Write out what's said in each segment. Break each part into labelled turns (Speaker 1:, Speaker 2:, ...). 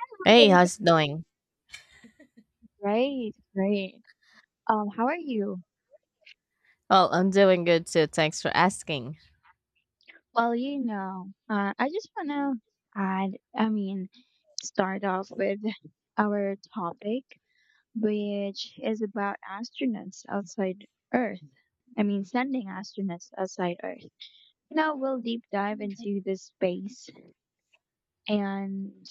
Speaker 1: Oh,
Speaker 2: Hey,
Speaker 1: they're good.
Speaker 2: how's it doing?
Speaker 1: Great, great. How are you?
Speaker 2: Well, I'm doing good too. Thanks for asking.
Speaker 1: Well, you know, I just want to add, I mean, Start off with our topic, which is about astronauts outside Earth. I mean, sending astronauts outside Earth. Now we'll deep dive into this space, and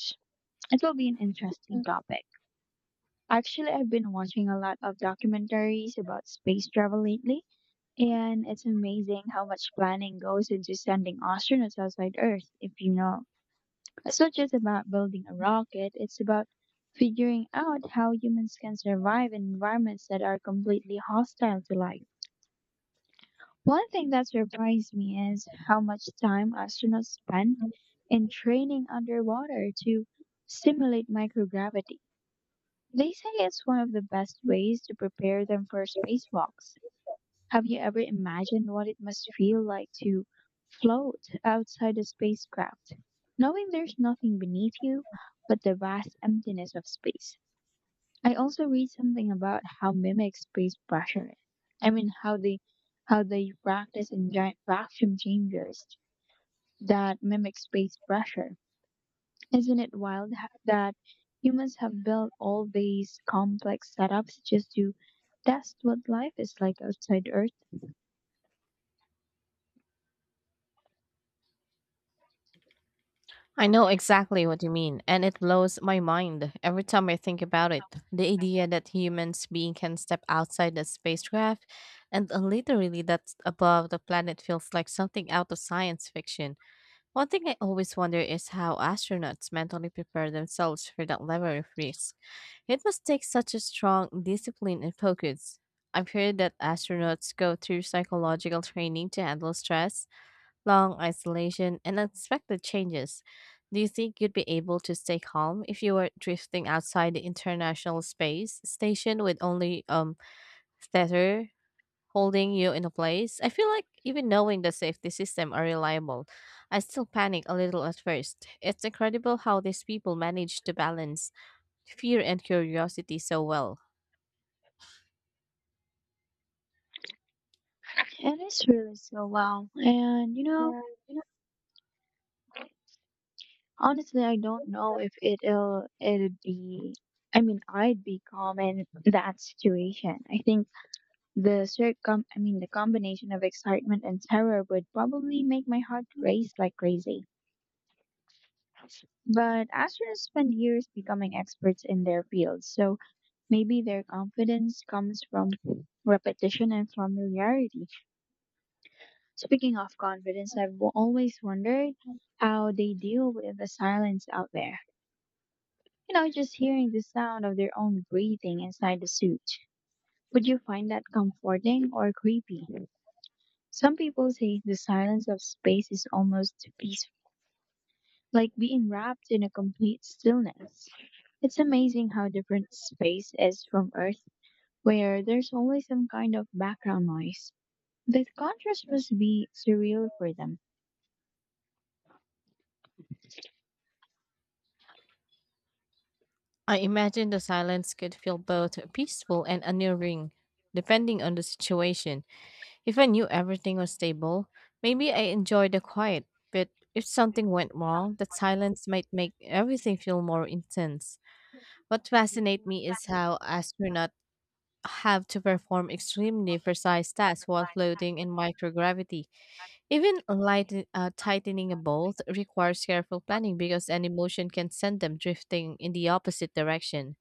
Speaker 1: it will be an interesting topic. Actually, I've been watching a lot of documentaries about space travel lately. And it's amazing how much planning goes into sending astronauts outside Earth, if you know. It's not just about building a rocket, it's about figuring out how humans can survive in environments that are completely hostile to life. One thing that surprised me is how much time astronauts spend in training underwater to simulate microgravity. They say it's one of the best ways to prepare them for spacewalks. Have you ever imagined what it must feel like to float outside a spacecraft, knowing there's nothing beneath you but the vast emptiness of space? I also read something about how mimic space pressure is. I mean, how they practice in giant vacuum chambers that mimic space pressure. Isn't it that humans have built all these complex setups just to test what life is like outside Earth?
Speaker 2: I know exactly what you mean, and it blows my mind every time I think about it. The idea that humans being can step outside the spacecraft and literally that's above the planet feels like something out of science fiction. One thing I always wonder is how astronauts mentally prepare themselves for that level of risk. It must take such a strong discipline and focus. I've heard that astronauts go through psychological training to handle stress long isolation, and unexpected changes. Do you think you'd be able to stay calm if you were drifting outside the International Space Station with only tether holding you in place? I feel like even knowing the safety system are reliable, I still panic a little at first. It's incredible how these people manage to balance fear and curiosity so well.
Speaker 1: It is really so wow. And you know,
Speaker 2: Yeah, you know,
Speaker 1: honestly, I don't know if it'd be. I mean, I'd be calm in that situation. I think the circum. I mean, the combination of excitement and terror would probably make my heart race like crazy. But astronauts spend years becoming experts in their fields, so maybe their confidence comes from repetition and familiarity. Speaking of confidence, I've always wondered how they deal with the silence out there. You know, just hearing the sound of their own breathing inside the suit. Would you find that comforting or creepy? Some people say the silence of space is almost peaceful, like being wrapped in a complete stillness. It's amazing how different space is from Earth, where there's always some kind of background noise. The contrast must be surreal for them.
Speaker 2: I imagine the silence could feel both peaceful and unnerving, depending on the situation. If I knew everything was stable, maybe I enjoyed the quiet, but if something went wrong, the silence might make everything feel more intense. What fascinates me is how astronauts have to perform extremely precise tasks while floating in microgravity. Even light, tightening a bolt requires careful planning because any motion can send them drifting in the opposite direction.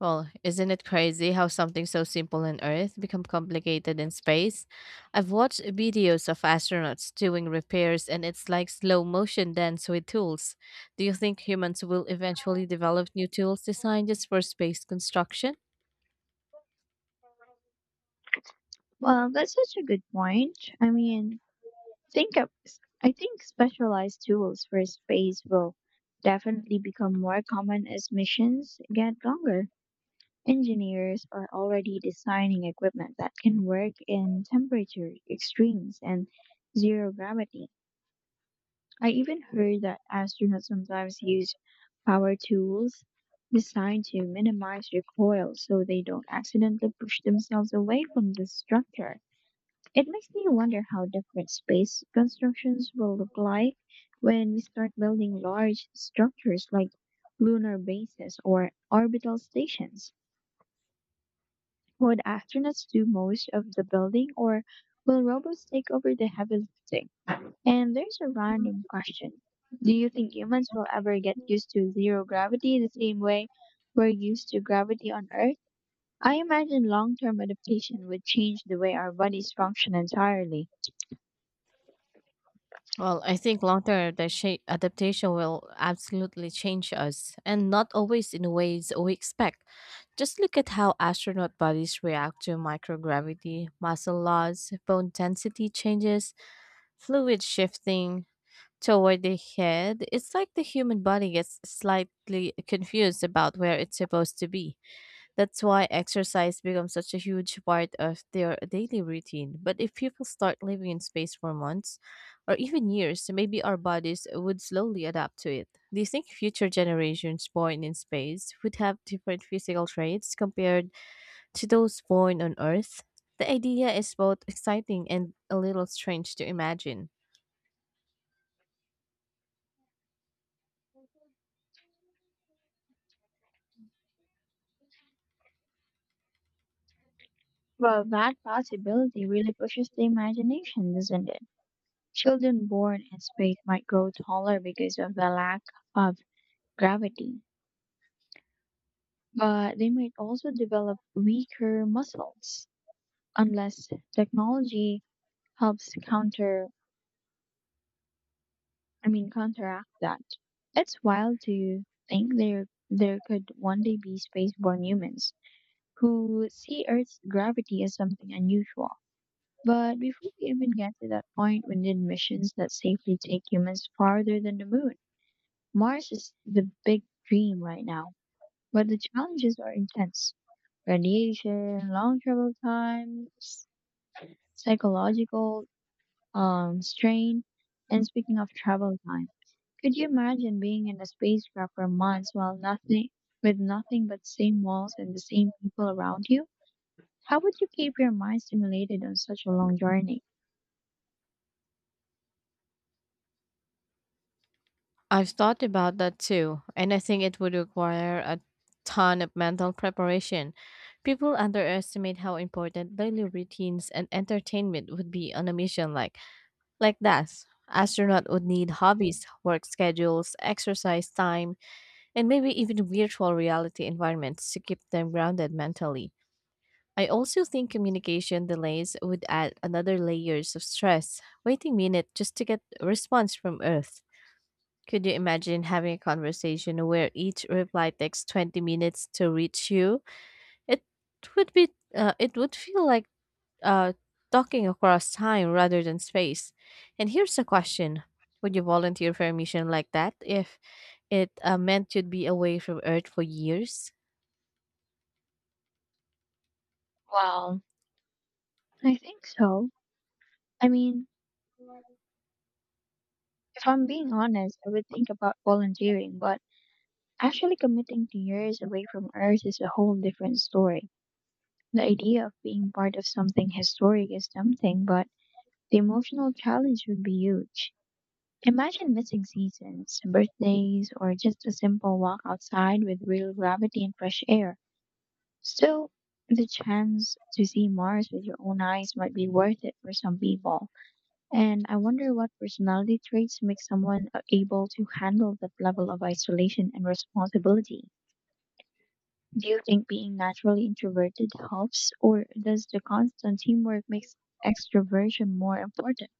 Speaker 2: Well, isn't it crazy how something so simple on Earth become complicated in space? I've watched videos of astronauts doing repairs, and it's like slow motion dance with tools. Do you think humans will eventually develop new tools designed just for space construction?
Speaker 1: Well, that's such a good point. Think of, I think specialized tools for space will definitely become more common as missions get longer. Engineers are already designing equipment that can work in temperature extremes and zero gravity. I even heard that astronauts sometimes use power tools designed to minimize recoil so they don't accidentally push themselves away from the structure. It makes me wonder how different space constructions will look like when we start building large structures like lunar bases or orbital stations. Would astronauts do most of the building or will robots take over the heavy lifting? And there's a random question. Do you think humans will ever get used to zero gravity the same way we're used to gravity on Earth? I imagine long term adaptation would change the way our bodies function entirely.
Speaker 2: Well, I think adaptation will absolutely change us and not always in ways we expect. Just look at how astronaut bodies react to microgravity, muscle loss, bone density changes, fluid shifting toward the head. It's like the human body gets slightly confused about where it's supposed to be. That's why exercise becomes such a huge part of their daily routine. But if people start living in space for months or even years, maybe our bodies would slowly adapt to it. Do you think future generations born in space would have different physical traits compared to those born on Earth? The idea is both exciting and a little strange to imagine.
Speaker 1: Well, that possibility really pushes the imagination, doesn't it? Children born in space might grow taller because of the lack of gravity, but they might also develop weaker muscles unless technology helps counteract that. It's wild to think there could one day be spaceborne humans who see Earth's gravity as something unusual. But before we even get to that point, we need missions that safely take humans farther than the moon. Mars is the big dream right now, but the challenges are intense. Radiation, long travel times, psychological strain, and speaking of travel time, could you imagine being in a spacecraft for months while nothing, with nothing but same walls and the same people around you? How would you keep your mind stimulated on such a long journey?
Speaker 2: I've thought about that too, and I think it would require a ton of mental preparation. People underestimate how important daily routines and entertainment would be on a mission like that. Astronaut would need hobbies, work schedules, exercise time, and maybe even virtual reality environments to keep them grounded mentally. I also think communication delays would add another layers of stress, waiting minutes just to get a response from Earth. Could you imagine having a conversation where each reply takes 20 minutes to reach you? It would be it would feel like uh, talking across time rather than space. And here's a question. Would you volunteer for a mission like that if it meant you'd be away from Earth for years?
Speaker 1: Well, I think so. I mean, if I'm being honest, I would think about volunteering, but actually committing to years away from Earth is a whole different story. The idea of being part of something historic is something, but the emotional challenge would be huge. Imagine missing seasons, birthdays, or just a simple walk outside with real gravity and fresh air. Still, the chance to see Mars with your own eyes might be worth it for some people. And I wonder what personality traits make able to handle that level of isolation and responsibility. Do you think being naturally introverted helps, or does the constant teamwork make extroversion more important?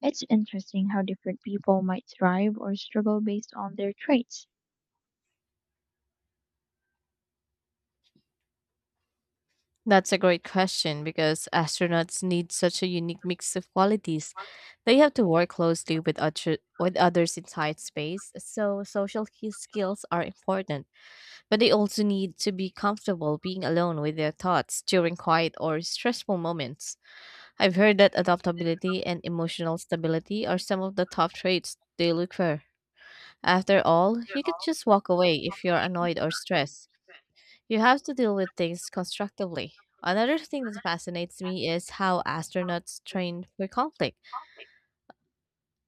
Speaker 1: It's interesting how different people might thrive or struggle based on their traits.
Speaker 2: That's a great question because astronauts need such a unique mix of qualities. They have to work closely with others inside space, so social key skills are important. But they also need to be comfortable being alone with their thoughts during quiet or stressful moments. I've heard that adaptability and emotional stability are some of the top traits they look for. After all, you could just walk away if you're annoyed or stressed. You have to deal with things constructively. Another thing that fascinates me is how astronauts train for conflict.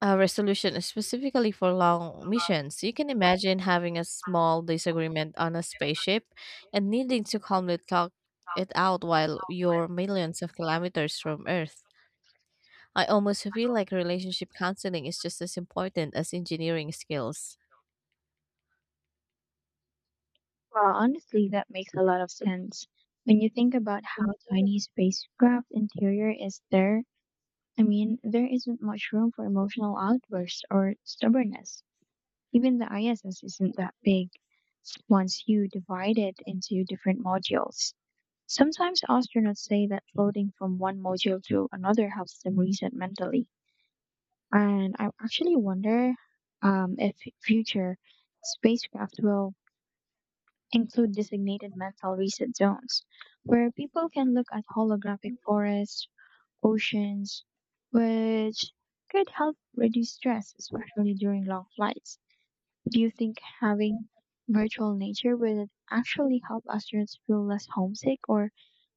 Speaker 2: A resolution is specifically for long missions. You can imagine having a small disagreement on a spaceship and needing to calmly talk it out while you're millions of kilometers from Earth. I almost feel like relationship counseling is just as important as engineering skills.
Speaker 1: Well, honestly, that makes a lot of sense. When you think about how tiny spacecraft interior is there, I mean, there isn't much room for emotional outbursts or stubbornness. Even the ISS isn't that big once you divide it into different modules. Sometimes astronauts say that floating from one module to another helps them reset mentally. And I actually wonder if future spacecraft will include designated mental reset zones where people can look at holographic forests, oceans, which could help reduce stress, especially during long flights. Do you think having virtual nature would actually help astronauts feel less homesick or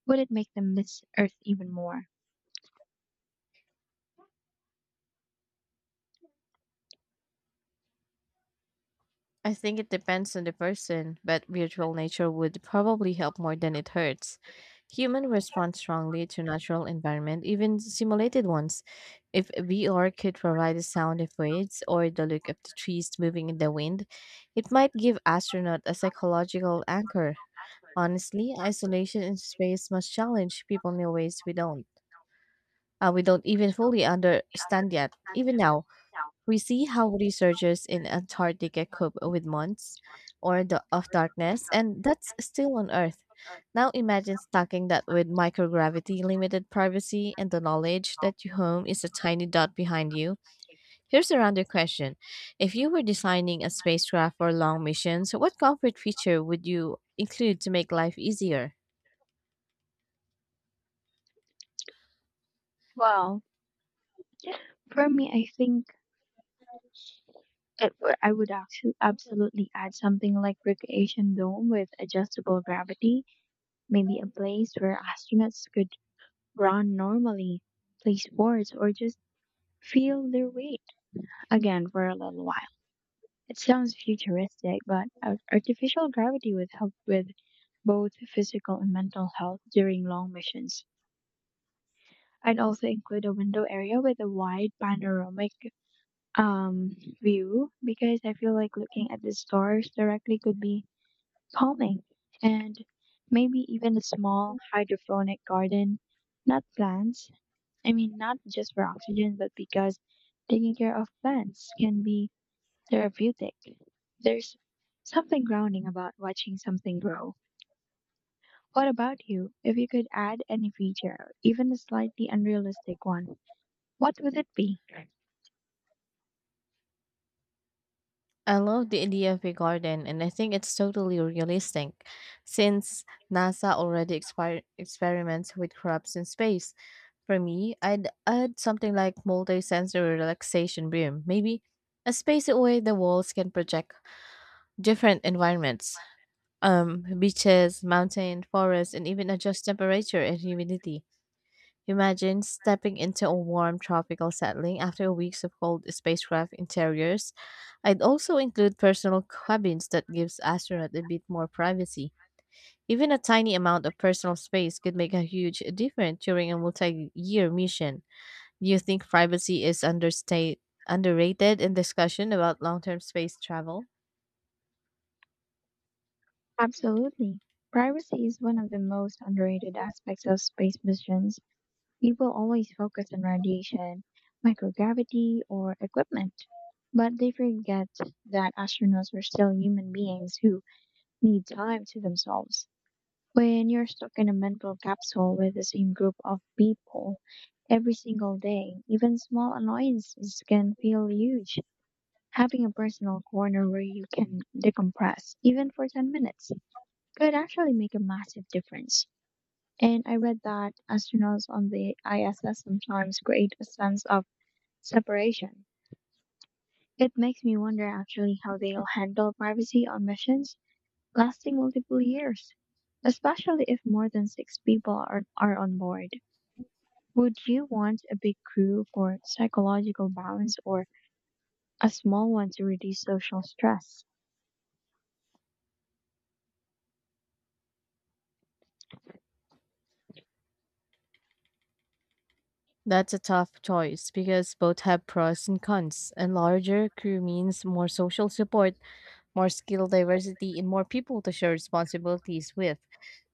Speaker 1: would it make them miss Earth even more?
Speaker 2: I think it depends on the person, but virtual nature would probably help more than it hurts. Humans respond strongly to natural environment, even simulated ones. If VR could provide the sound of waves or the look of the trees moving in the wind, it might give astronauts a psychological anchor. Honestly, isolation in space must challenge people in ways we don't even fully understand yet, even now. We see how researchers in Antarctica cope with months of darkness, and that's still on Earth. Now imagine stacking that with microgravity, limited privacy, and the knowledge that your home is a tiny dot behind you. Here's a random question. If you were designing a spacecraft for long missions, what comfort feature would you include to make life easier?
Speaker 1: Well, for me, I think I would actually absolutely add something like recreation dome with adjustable gravity, maybe a place where astronauts could run normally, play sports, or just feel their weight again for a little while. It sounds futuristic, but artificial gravity would help with both physical and mental health during long missions. I'd also include a window area with a wide panoramic view because I feel like looking at the stars directly could be calming. And maybe even a small hydroponic garden, not plants. I mean, not just for oxygen, but because taking care of plants can be therapeutic. There's something grounding about watching something grow. What about you? If you could add any feature, even a slightly unrealistic one, what would it be?
Speaker 2: I love the idea of a garden, and I think it's totally realistic since NASA already experiments with crops in space. For me, I'd add something like multi-sensory relaxation room, maybe a space where the walls can project different environments, beaches, mountain, forests, and even adjust temperature and humidity. Imagine stepping into a warm tropical setting after weeks of cold spacecraft interiors. I'd also include personal cabins that gives astronauts a bit more privacy. Even a tiny amount of personal space could make a huge difference during a multi-year mission. Do you think privacy is understate underrated in discussion about long-term space travel?
Speaker 1: Absolutely. Privacy is one of the most underrated aspects of space missions. People always focus on radiation, microgravity, or equipment, but they forget that astronauts are still human beings who need time to themselves. When you're stuck in a mental capsule with the same group of people every single day, even small annoyances can feel huge. Having a personal corner where you can decompress, even for 10 minutes, could actually make a massive difference. And I read that astronauts on the ISS sometimes create a sense of separation. It makes me wonder actually how they'll handle privacy on missions lasting multiple years, especially if more than six people are on board. Would you want a big crew for psychological balance or a small one to reduce social stress?
Speaker 2: That's a tough choice because both have pros and cons. And larger crew means more social support, more skill diversity, and more people to share responsibilities with.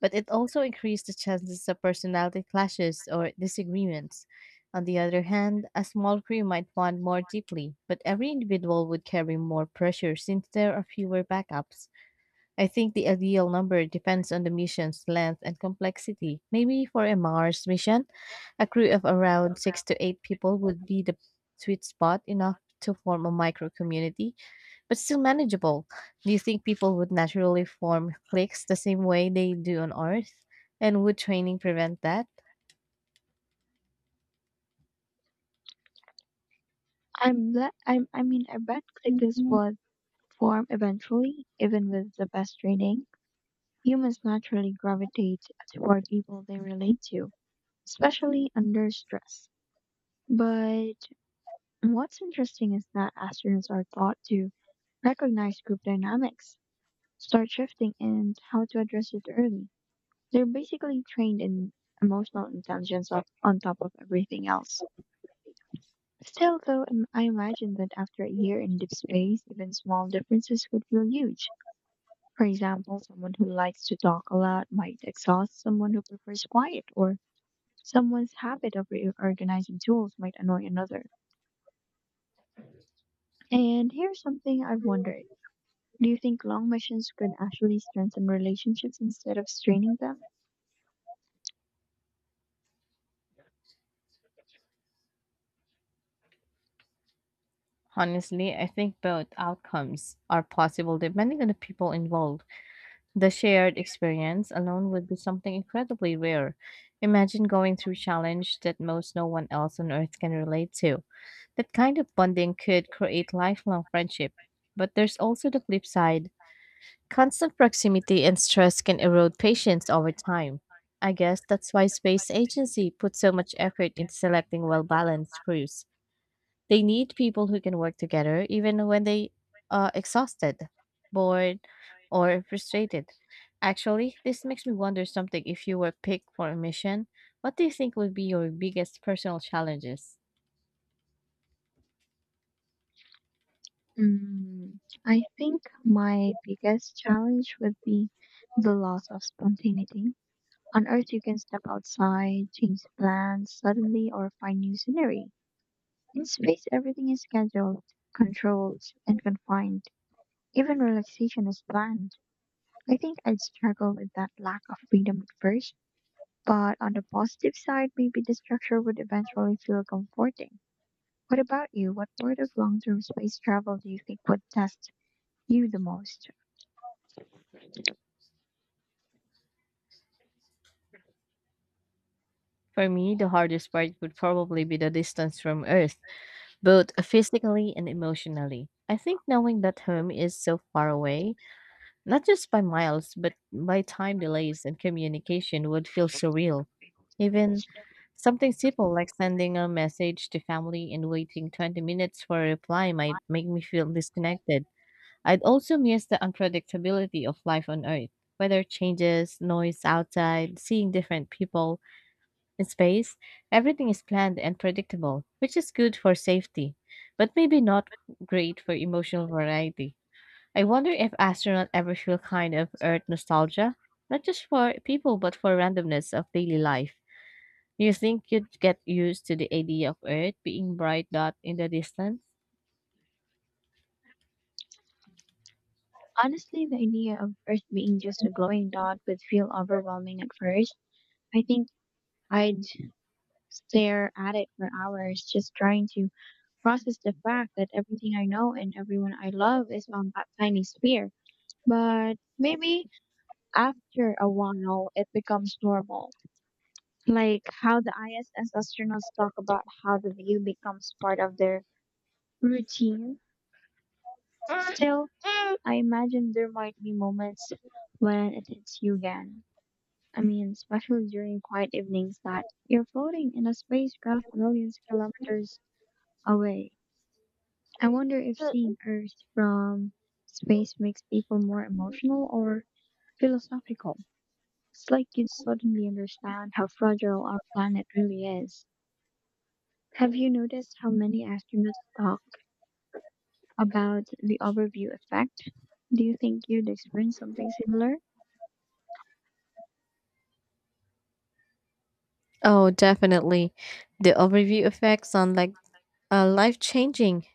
Speaker 2: But it also increased the chances of personality clashes or disagreements. On the other hand, a small crew might bond more deeply, but every individual would carry more pressure since there are fewer backups. I think the ideal number depends on the mission's length and complexity. Maybe for a Mars mission, a crew of around six to eight people would be the sweet spot, enough to form a micro community but still manageable. Do you think people would naturally form cliques the same way they do on Earth? And would training prevent that?
Speaker 1: I'm le- I'm, I mean, I bet clickers would form eventually, even with the best training. Humans naturally gravitate toward people they relate to, especially under stress. But what's interesting is that astronauts are taught to recognize group dynamics, start shifting, and how to address it early. They're basically trained in emotional intelligence of, on top of everything else. Still, though, I imagine that after a year in deep space, even small differences would feel huge. For example, someone who likes to talk a lot might exhaust someone who prefers quiet, or someone's habit of reorganizing tools might annoy another. And here's something I've wondered. Do you think long missions could actually strengthen relationships instead of straining them?
Speaker 2: Honestly, I think both outcomes are possible depending on the people involved. The shared experience alone would be something incredibly rare. Imagine going through challenge that most no one else on earth can relate to. That kind of bonding could create lifelong friendship. But there's also the flip side. Constant proximity and stress can erode patience over time. I guess that's why Space Agency puts so much effort into selecting well balanced crews. They need people who can work together even when they are exhausted, bored, or frustrated. Actually, this makes me wonder something. If you were picked for a mission, what do you think would be your biggest personal challenges?
Speaker 1: Mm, I think my biggest challenge would be the loss of spontaneity. On Earth, you can step outside, change plans suddenly, or find new scenery. In space, everything is scheduled, controlled, and confined. Even relaxation is planned. I think I'd struggle with that lack of freedom at first, but on the positive side, maybe the structure would eventually feel comforting. What about you? What part of long-term space travel do you think would test you the most?
Speaker 2: For me, the hardest part would probably be the distance from Earth, both physically and emotionally. I think knowing that home is so far away, not just by miles, but by time delays and communication, would feel surreal. Even something simple like sending a message to family and waiting 20 minutes for a reply might make me feel disconnected. I'd also miss the unpredictability of life on Earth. Weather changes, noise outside, seeing different people. In space, everything is planned and predictable, which is good for safety, but maybe not great for emotional variety. I wonder if astronauts ever feel kind of Earth nostalgia, not just for people but for randomness of daily life. Do you think you'd get used to the idea of Earth being bright dot in the distance?
Speaker 1: Honestly, the idea of Earth being just a glowing dot would feel overwhelming at first. I think I'd stare at it for hours just trying to process the fact that everything I know and everyone I love is on that tiny sphere. But maybe after a while it becomes normal. Like how the ISS astronauts talk about how the view becomes part of their routine. Still, I imagine there might be moments when it hits you again. I mean, especially during quiet evenings that you're floating in a spacecraft millions of kilometers away. I wonder if seeing Earth from space makes people more emotional or philosophical. It's like you suddenly understand how fragile our planet really is. Have you noticed how many astronauts talk about the overview effect? Do you think you'd experience something similar?
Speaker 2: Oh, definitely. The overview effect sound like life changing.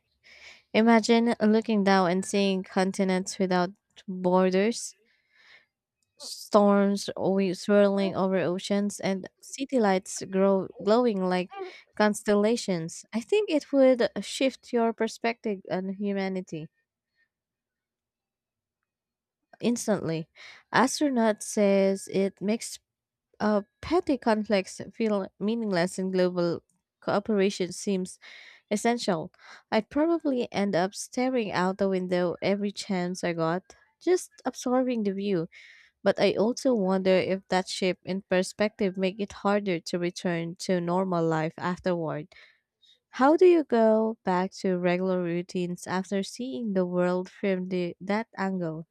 Speaker 2: Imagine looking down and seeing continents without borders, storms we swirling over oceans, and city lights grow glowing like constellations. I think it would shift your perspective on humanity instantly. Astronaut says it makes petty conflicts feel meaningless and global cooperation seems essential. I'd probably end up staring out the window every chance I got, just absorbing the view. But I also wonder if that shift in perspective make it harder to return to normal life afterward. How do you go back to regular routines after seeing the world from that angle?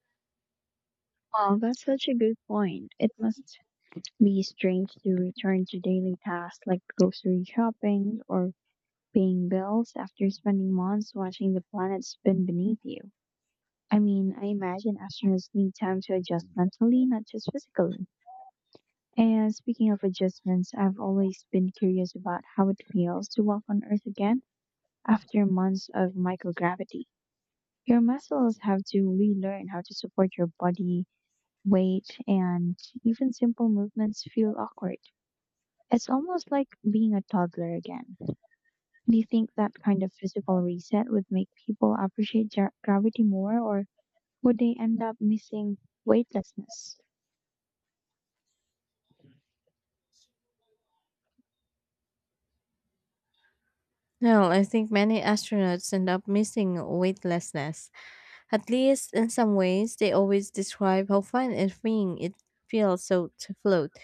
Speaker 1: Wow, that's such a good point. It must be strange to return to daily tasks like grocery shopping or paying bills after spending months watching the planet spin beneath you. I mean, I imagine astronauts need time to adjust mentally, not just physically. And speaking of adjustments, I've always been curious about how it feels to walk on Earth again after months of microgravity. Your muscles have to relearn how to support your body weight, and even simple movements feel awkward. It's almost like being a toddler again. Do you think that kind of physical reset would make people appreciate gravity more, or would they end up missing weightlessness?
Speaker 2: Well, I think many astronauts end up missing weightlessness. At least in some ways, they always describe how fun and freeing it feels so to float,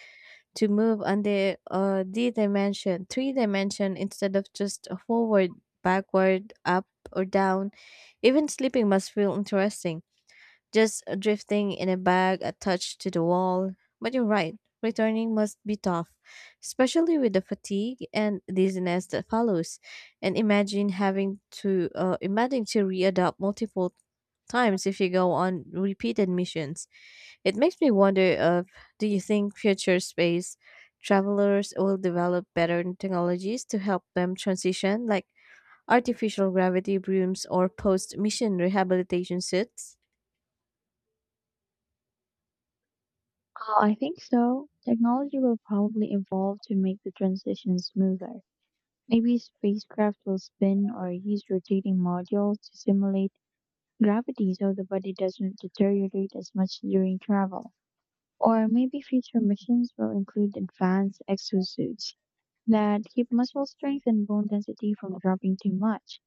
Speaker 2: to move on the d dimension three dimension instead of just a forward backward up or down. Even sleeping must feel interesting, just drifting in a bag attached to the wall. But you're right, returning must be tough, especially with the fatigue and dizziness that follows. And imagine having to imagine to readapt multiple times if you go on repeated missions. It makes me wonder of, do you think future space travelers will develop better technologies to help them transition, like artificial gravity brooms or post-mission rehabilitation suits?
Speaker 1: I think so. Technology will probably evolve to make the transition smoother. Maybe spacecraft will spin or use rotating modules to simulate gravity so the body doesn't deteriorate as much during travel. Or maybe future missions will include advanced exosuits that keep muscle strength and bone density from dropping too much.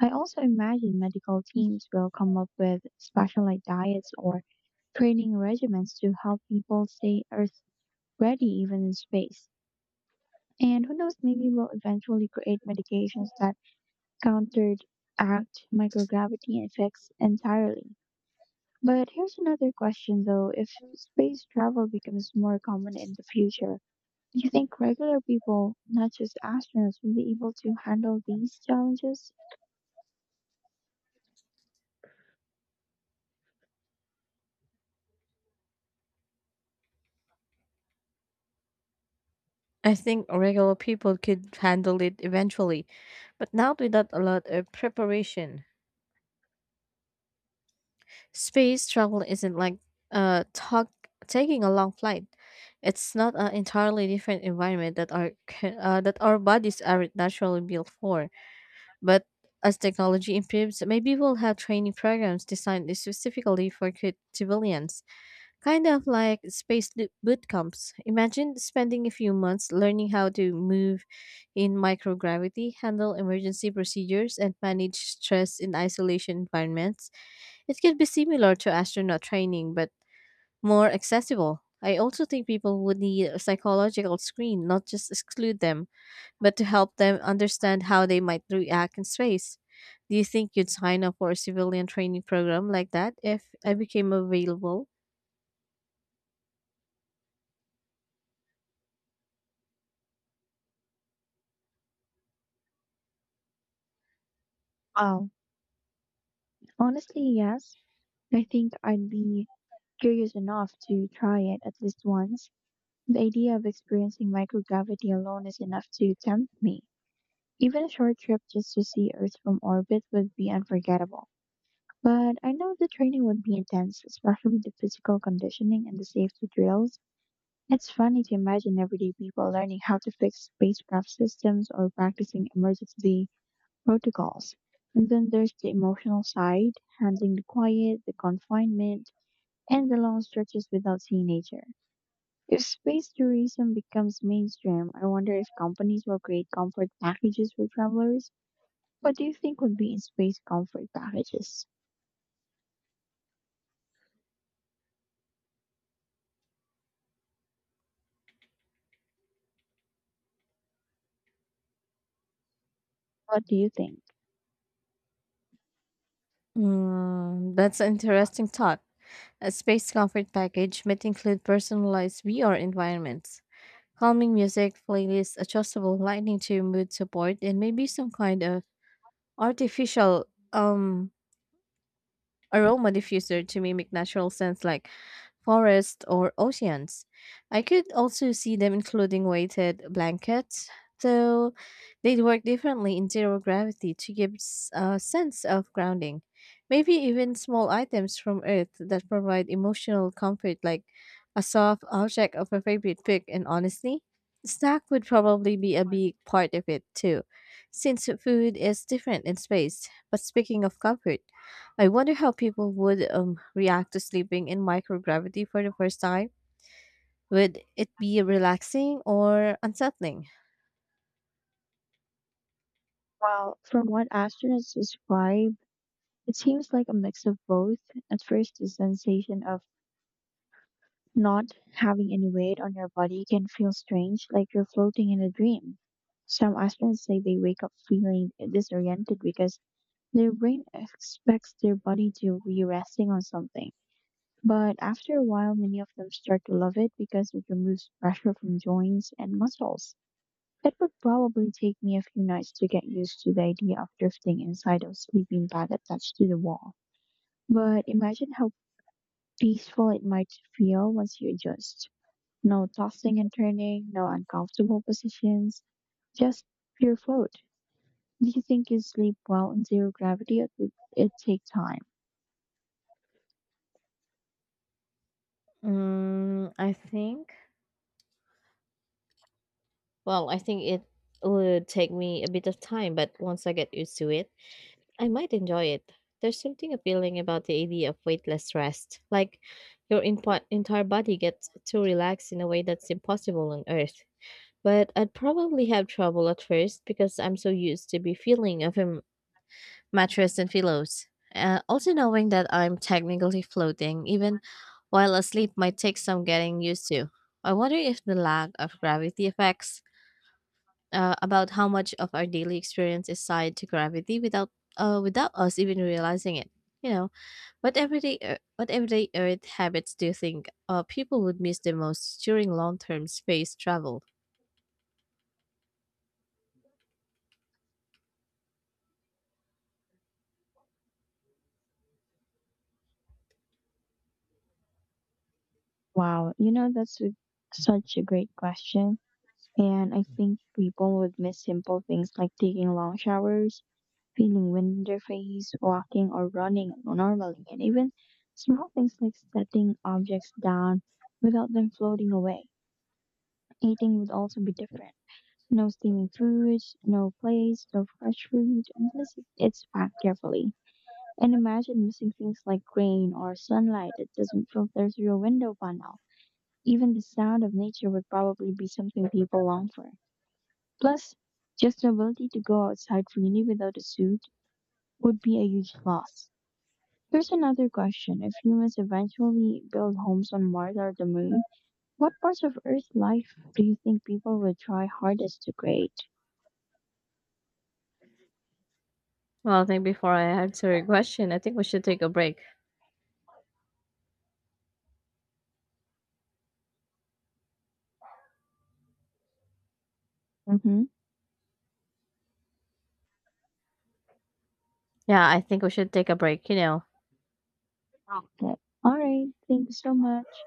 Speaker 1: I also imagine medical teams will come up with specialized diets or training regimens to help people stay Earth ready even in space. And who knows, maybe we'll eventually create medications that counteract microgravity effects entirely. But here's another question though, if space travel becomes more common in the future, do you think regular people, not just astronauts, will be able to handle these challenges?
Speaker 2: I think regular people could handle it eventually, but not without a lot of preparation. Space travel isn't like talk taking a long flight. It's not an entirely different environment that that our bodies aren't naturally built for. But as technology improves, maybe we'll have training programs designed specifically for civilians, kind of like space boot camps. Imagine spending a few months learning how to move in microgravity, handle emergency procedures, and manage stress in isolation environments. It could be similar to astronaut training, but more accessible. I also think people would need a psychological screen, not just exclude them but to help them understand how they might react in space. Do you think you'd sign up for a civilian training program like that if I became available?
Speaker 1: Oh, honestly, yes. I think I'd be curious enough to try it at least once. The idea of experiencing microgravity alone is enough to tempt me. Even a short trip just to see Earth from orbit would be unforgettable. But I know the training would be intense, especially the physical conditioning and the safety drills. It's funny to imagine everyday people learning how to fix spacecraft systems or practicing emergency protocols. And then there's the emotional side, handling the quiet, the confinement, and the long stretches without seeing nature. If space tourism becomes mainstream, I wonder if companies will create comfort packages for travelers. What do you think would be in space comfort packages? What do you think?
Speaker 2: Mm, that's an interesting thought. A space comfort package might include personalized VR environments, calming music, playlists, adjustable lighting to mood support, and maybe some kind of artificial um aroma diffuser to mimic natural scents like forest or oceans. I could also see them including weighted blankets, though they'd work differently in zero gravity to give a sense of grounding. Maybe even small items from Earth that provide emotional comfort, like a soft object of a favorite pick. And honestly, snack would probably be a big part of it too, since food is different in space. But speaking of comfort, I wonder how people would react to sleeping in microgravity for the first time. Would it be relaxing or unsettling?
Speaker 1: Well, from what astronauts describe, it seems like a mix of both. At first, the sensation of not having any weight on your body can feel strange, like you're floating in a dream. Some astronauts say they wake up feeling disoriented because their brain expects their body to be resting on something. But after a while, many of them start to love it because it removes pressure from joints and muscles. It would probably take me a few nights to get used to the idea of drifting inside a sleeping bag attached to the wall. But imagine how peaceful it might feel once you adjust. No tossing and turning, no uncomfortable positions, just pure float. Do you think you sleep well in zero gravity or did it take time?
Speaker 2: Mm, I think. Well, I think it would take me a bit of time, but once I get used to it, I might enjoy it. There's something appealing about the idea of weightless rest, like your entire body gets to relax in a way that's impossible on Earth. But I'd probably have trouble at first because I'm so used to be feeling of mattress and pillows. Also, knowing that I'm technically floating, even while asleep, might take some getting used to. I wonder if the lack of gravity affects about how much of our daily experience is tied to gravity without us even realizing it. You know, what everyday Earth habits do you think people would miss the most during long term space travel?
Speaker 1: Wow, you know, such a great question. And I think people would miss simple things like taking long showers, feeling wind in their face, walking or running normally, and even small things like setting objects down without them floating away. Eating would also be different. No steaming foods, no plates, no fresh fruit, unless it's packed carefully. And imagine missing things like rain or sunlight that doesn't filter through your window panel. Even the sound of nature would probably be something people long for. Plus, just the ability to go outside freely without a suit would be a huge loss. Here's another question. If humans eventually build homes on Mars or the moon, what parts of Earth life do you think people would try hardest to create?
Speaker 2: Well, I think before I answer your question, I think we should take a break.
Speaker 1: Hmm.
Speaker 2: Yeah, I think we should take a break. You know,
Speaker 1: Like, all right, thank you so much.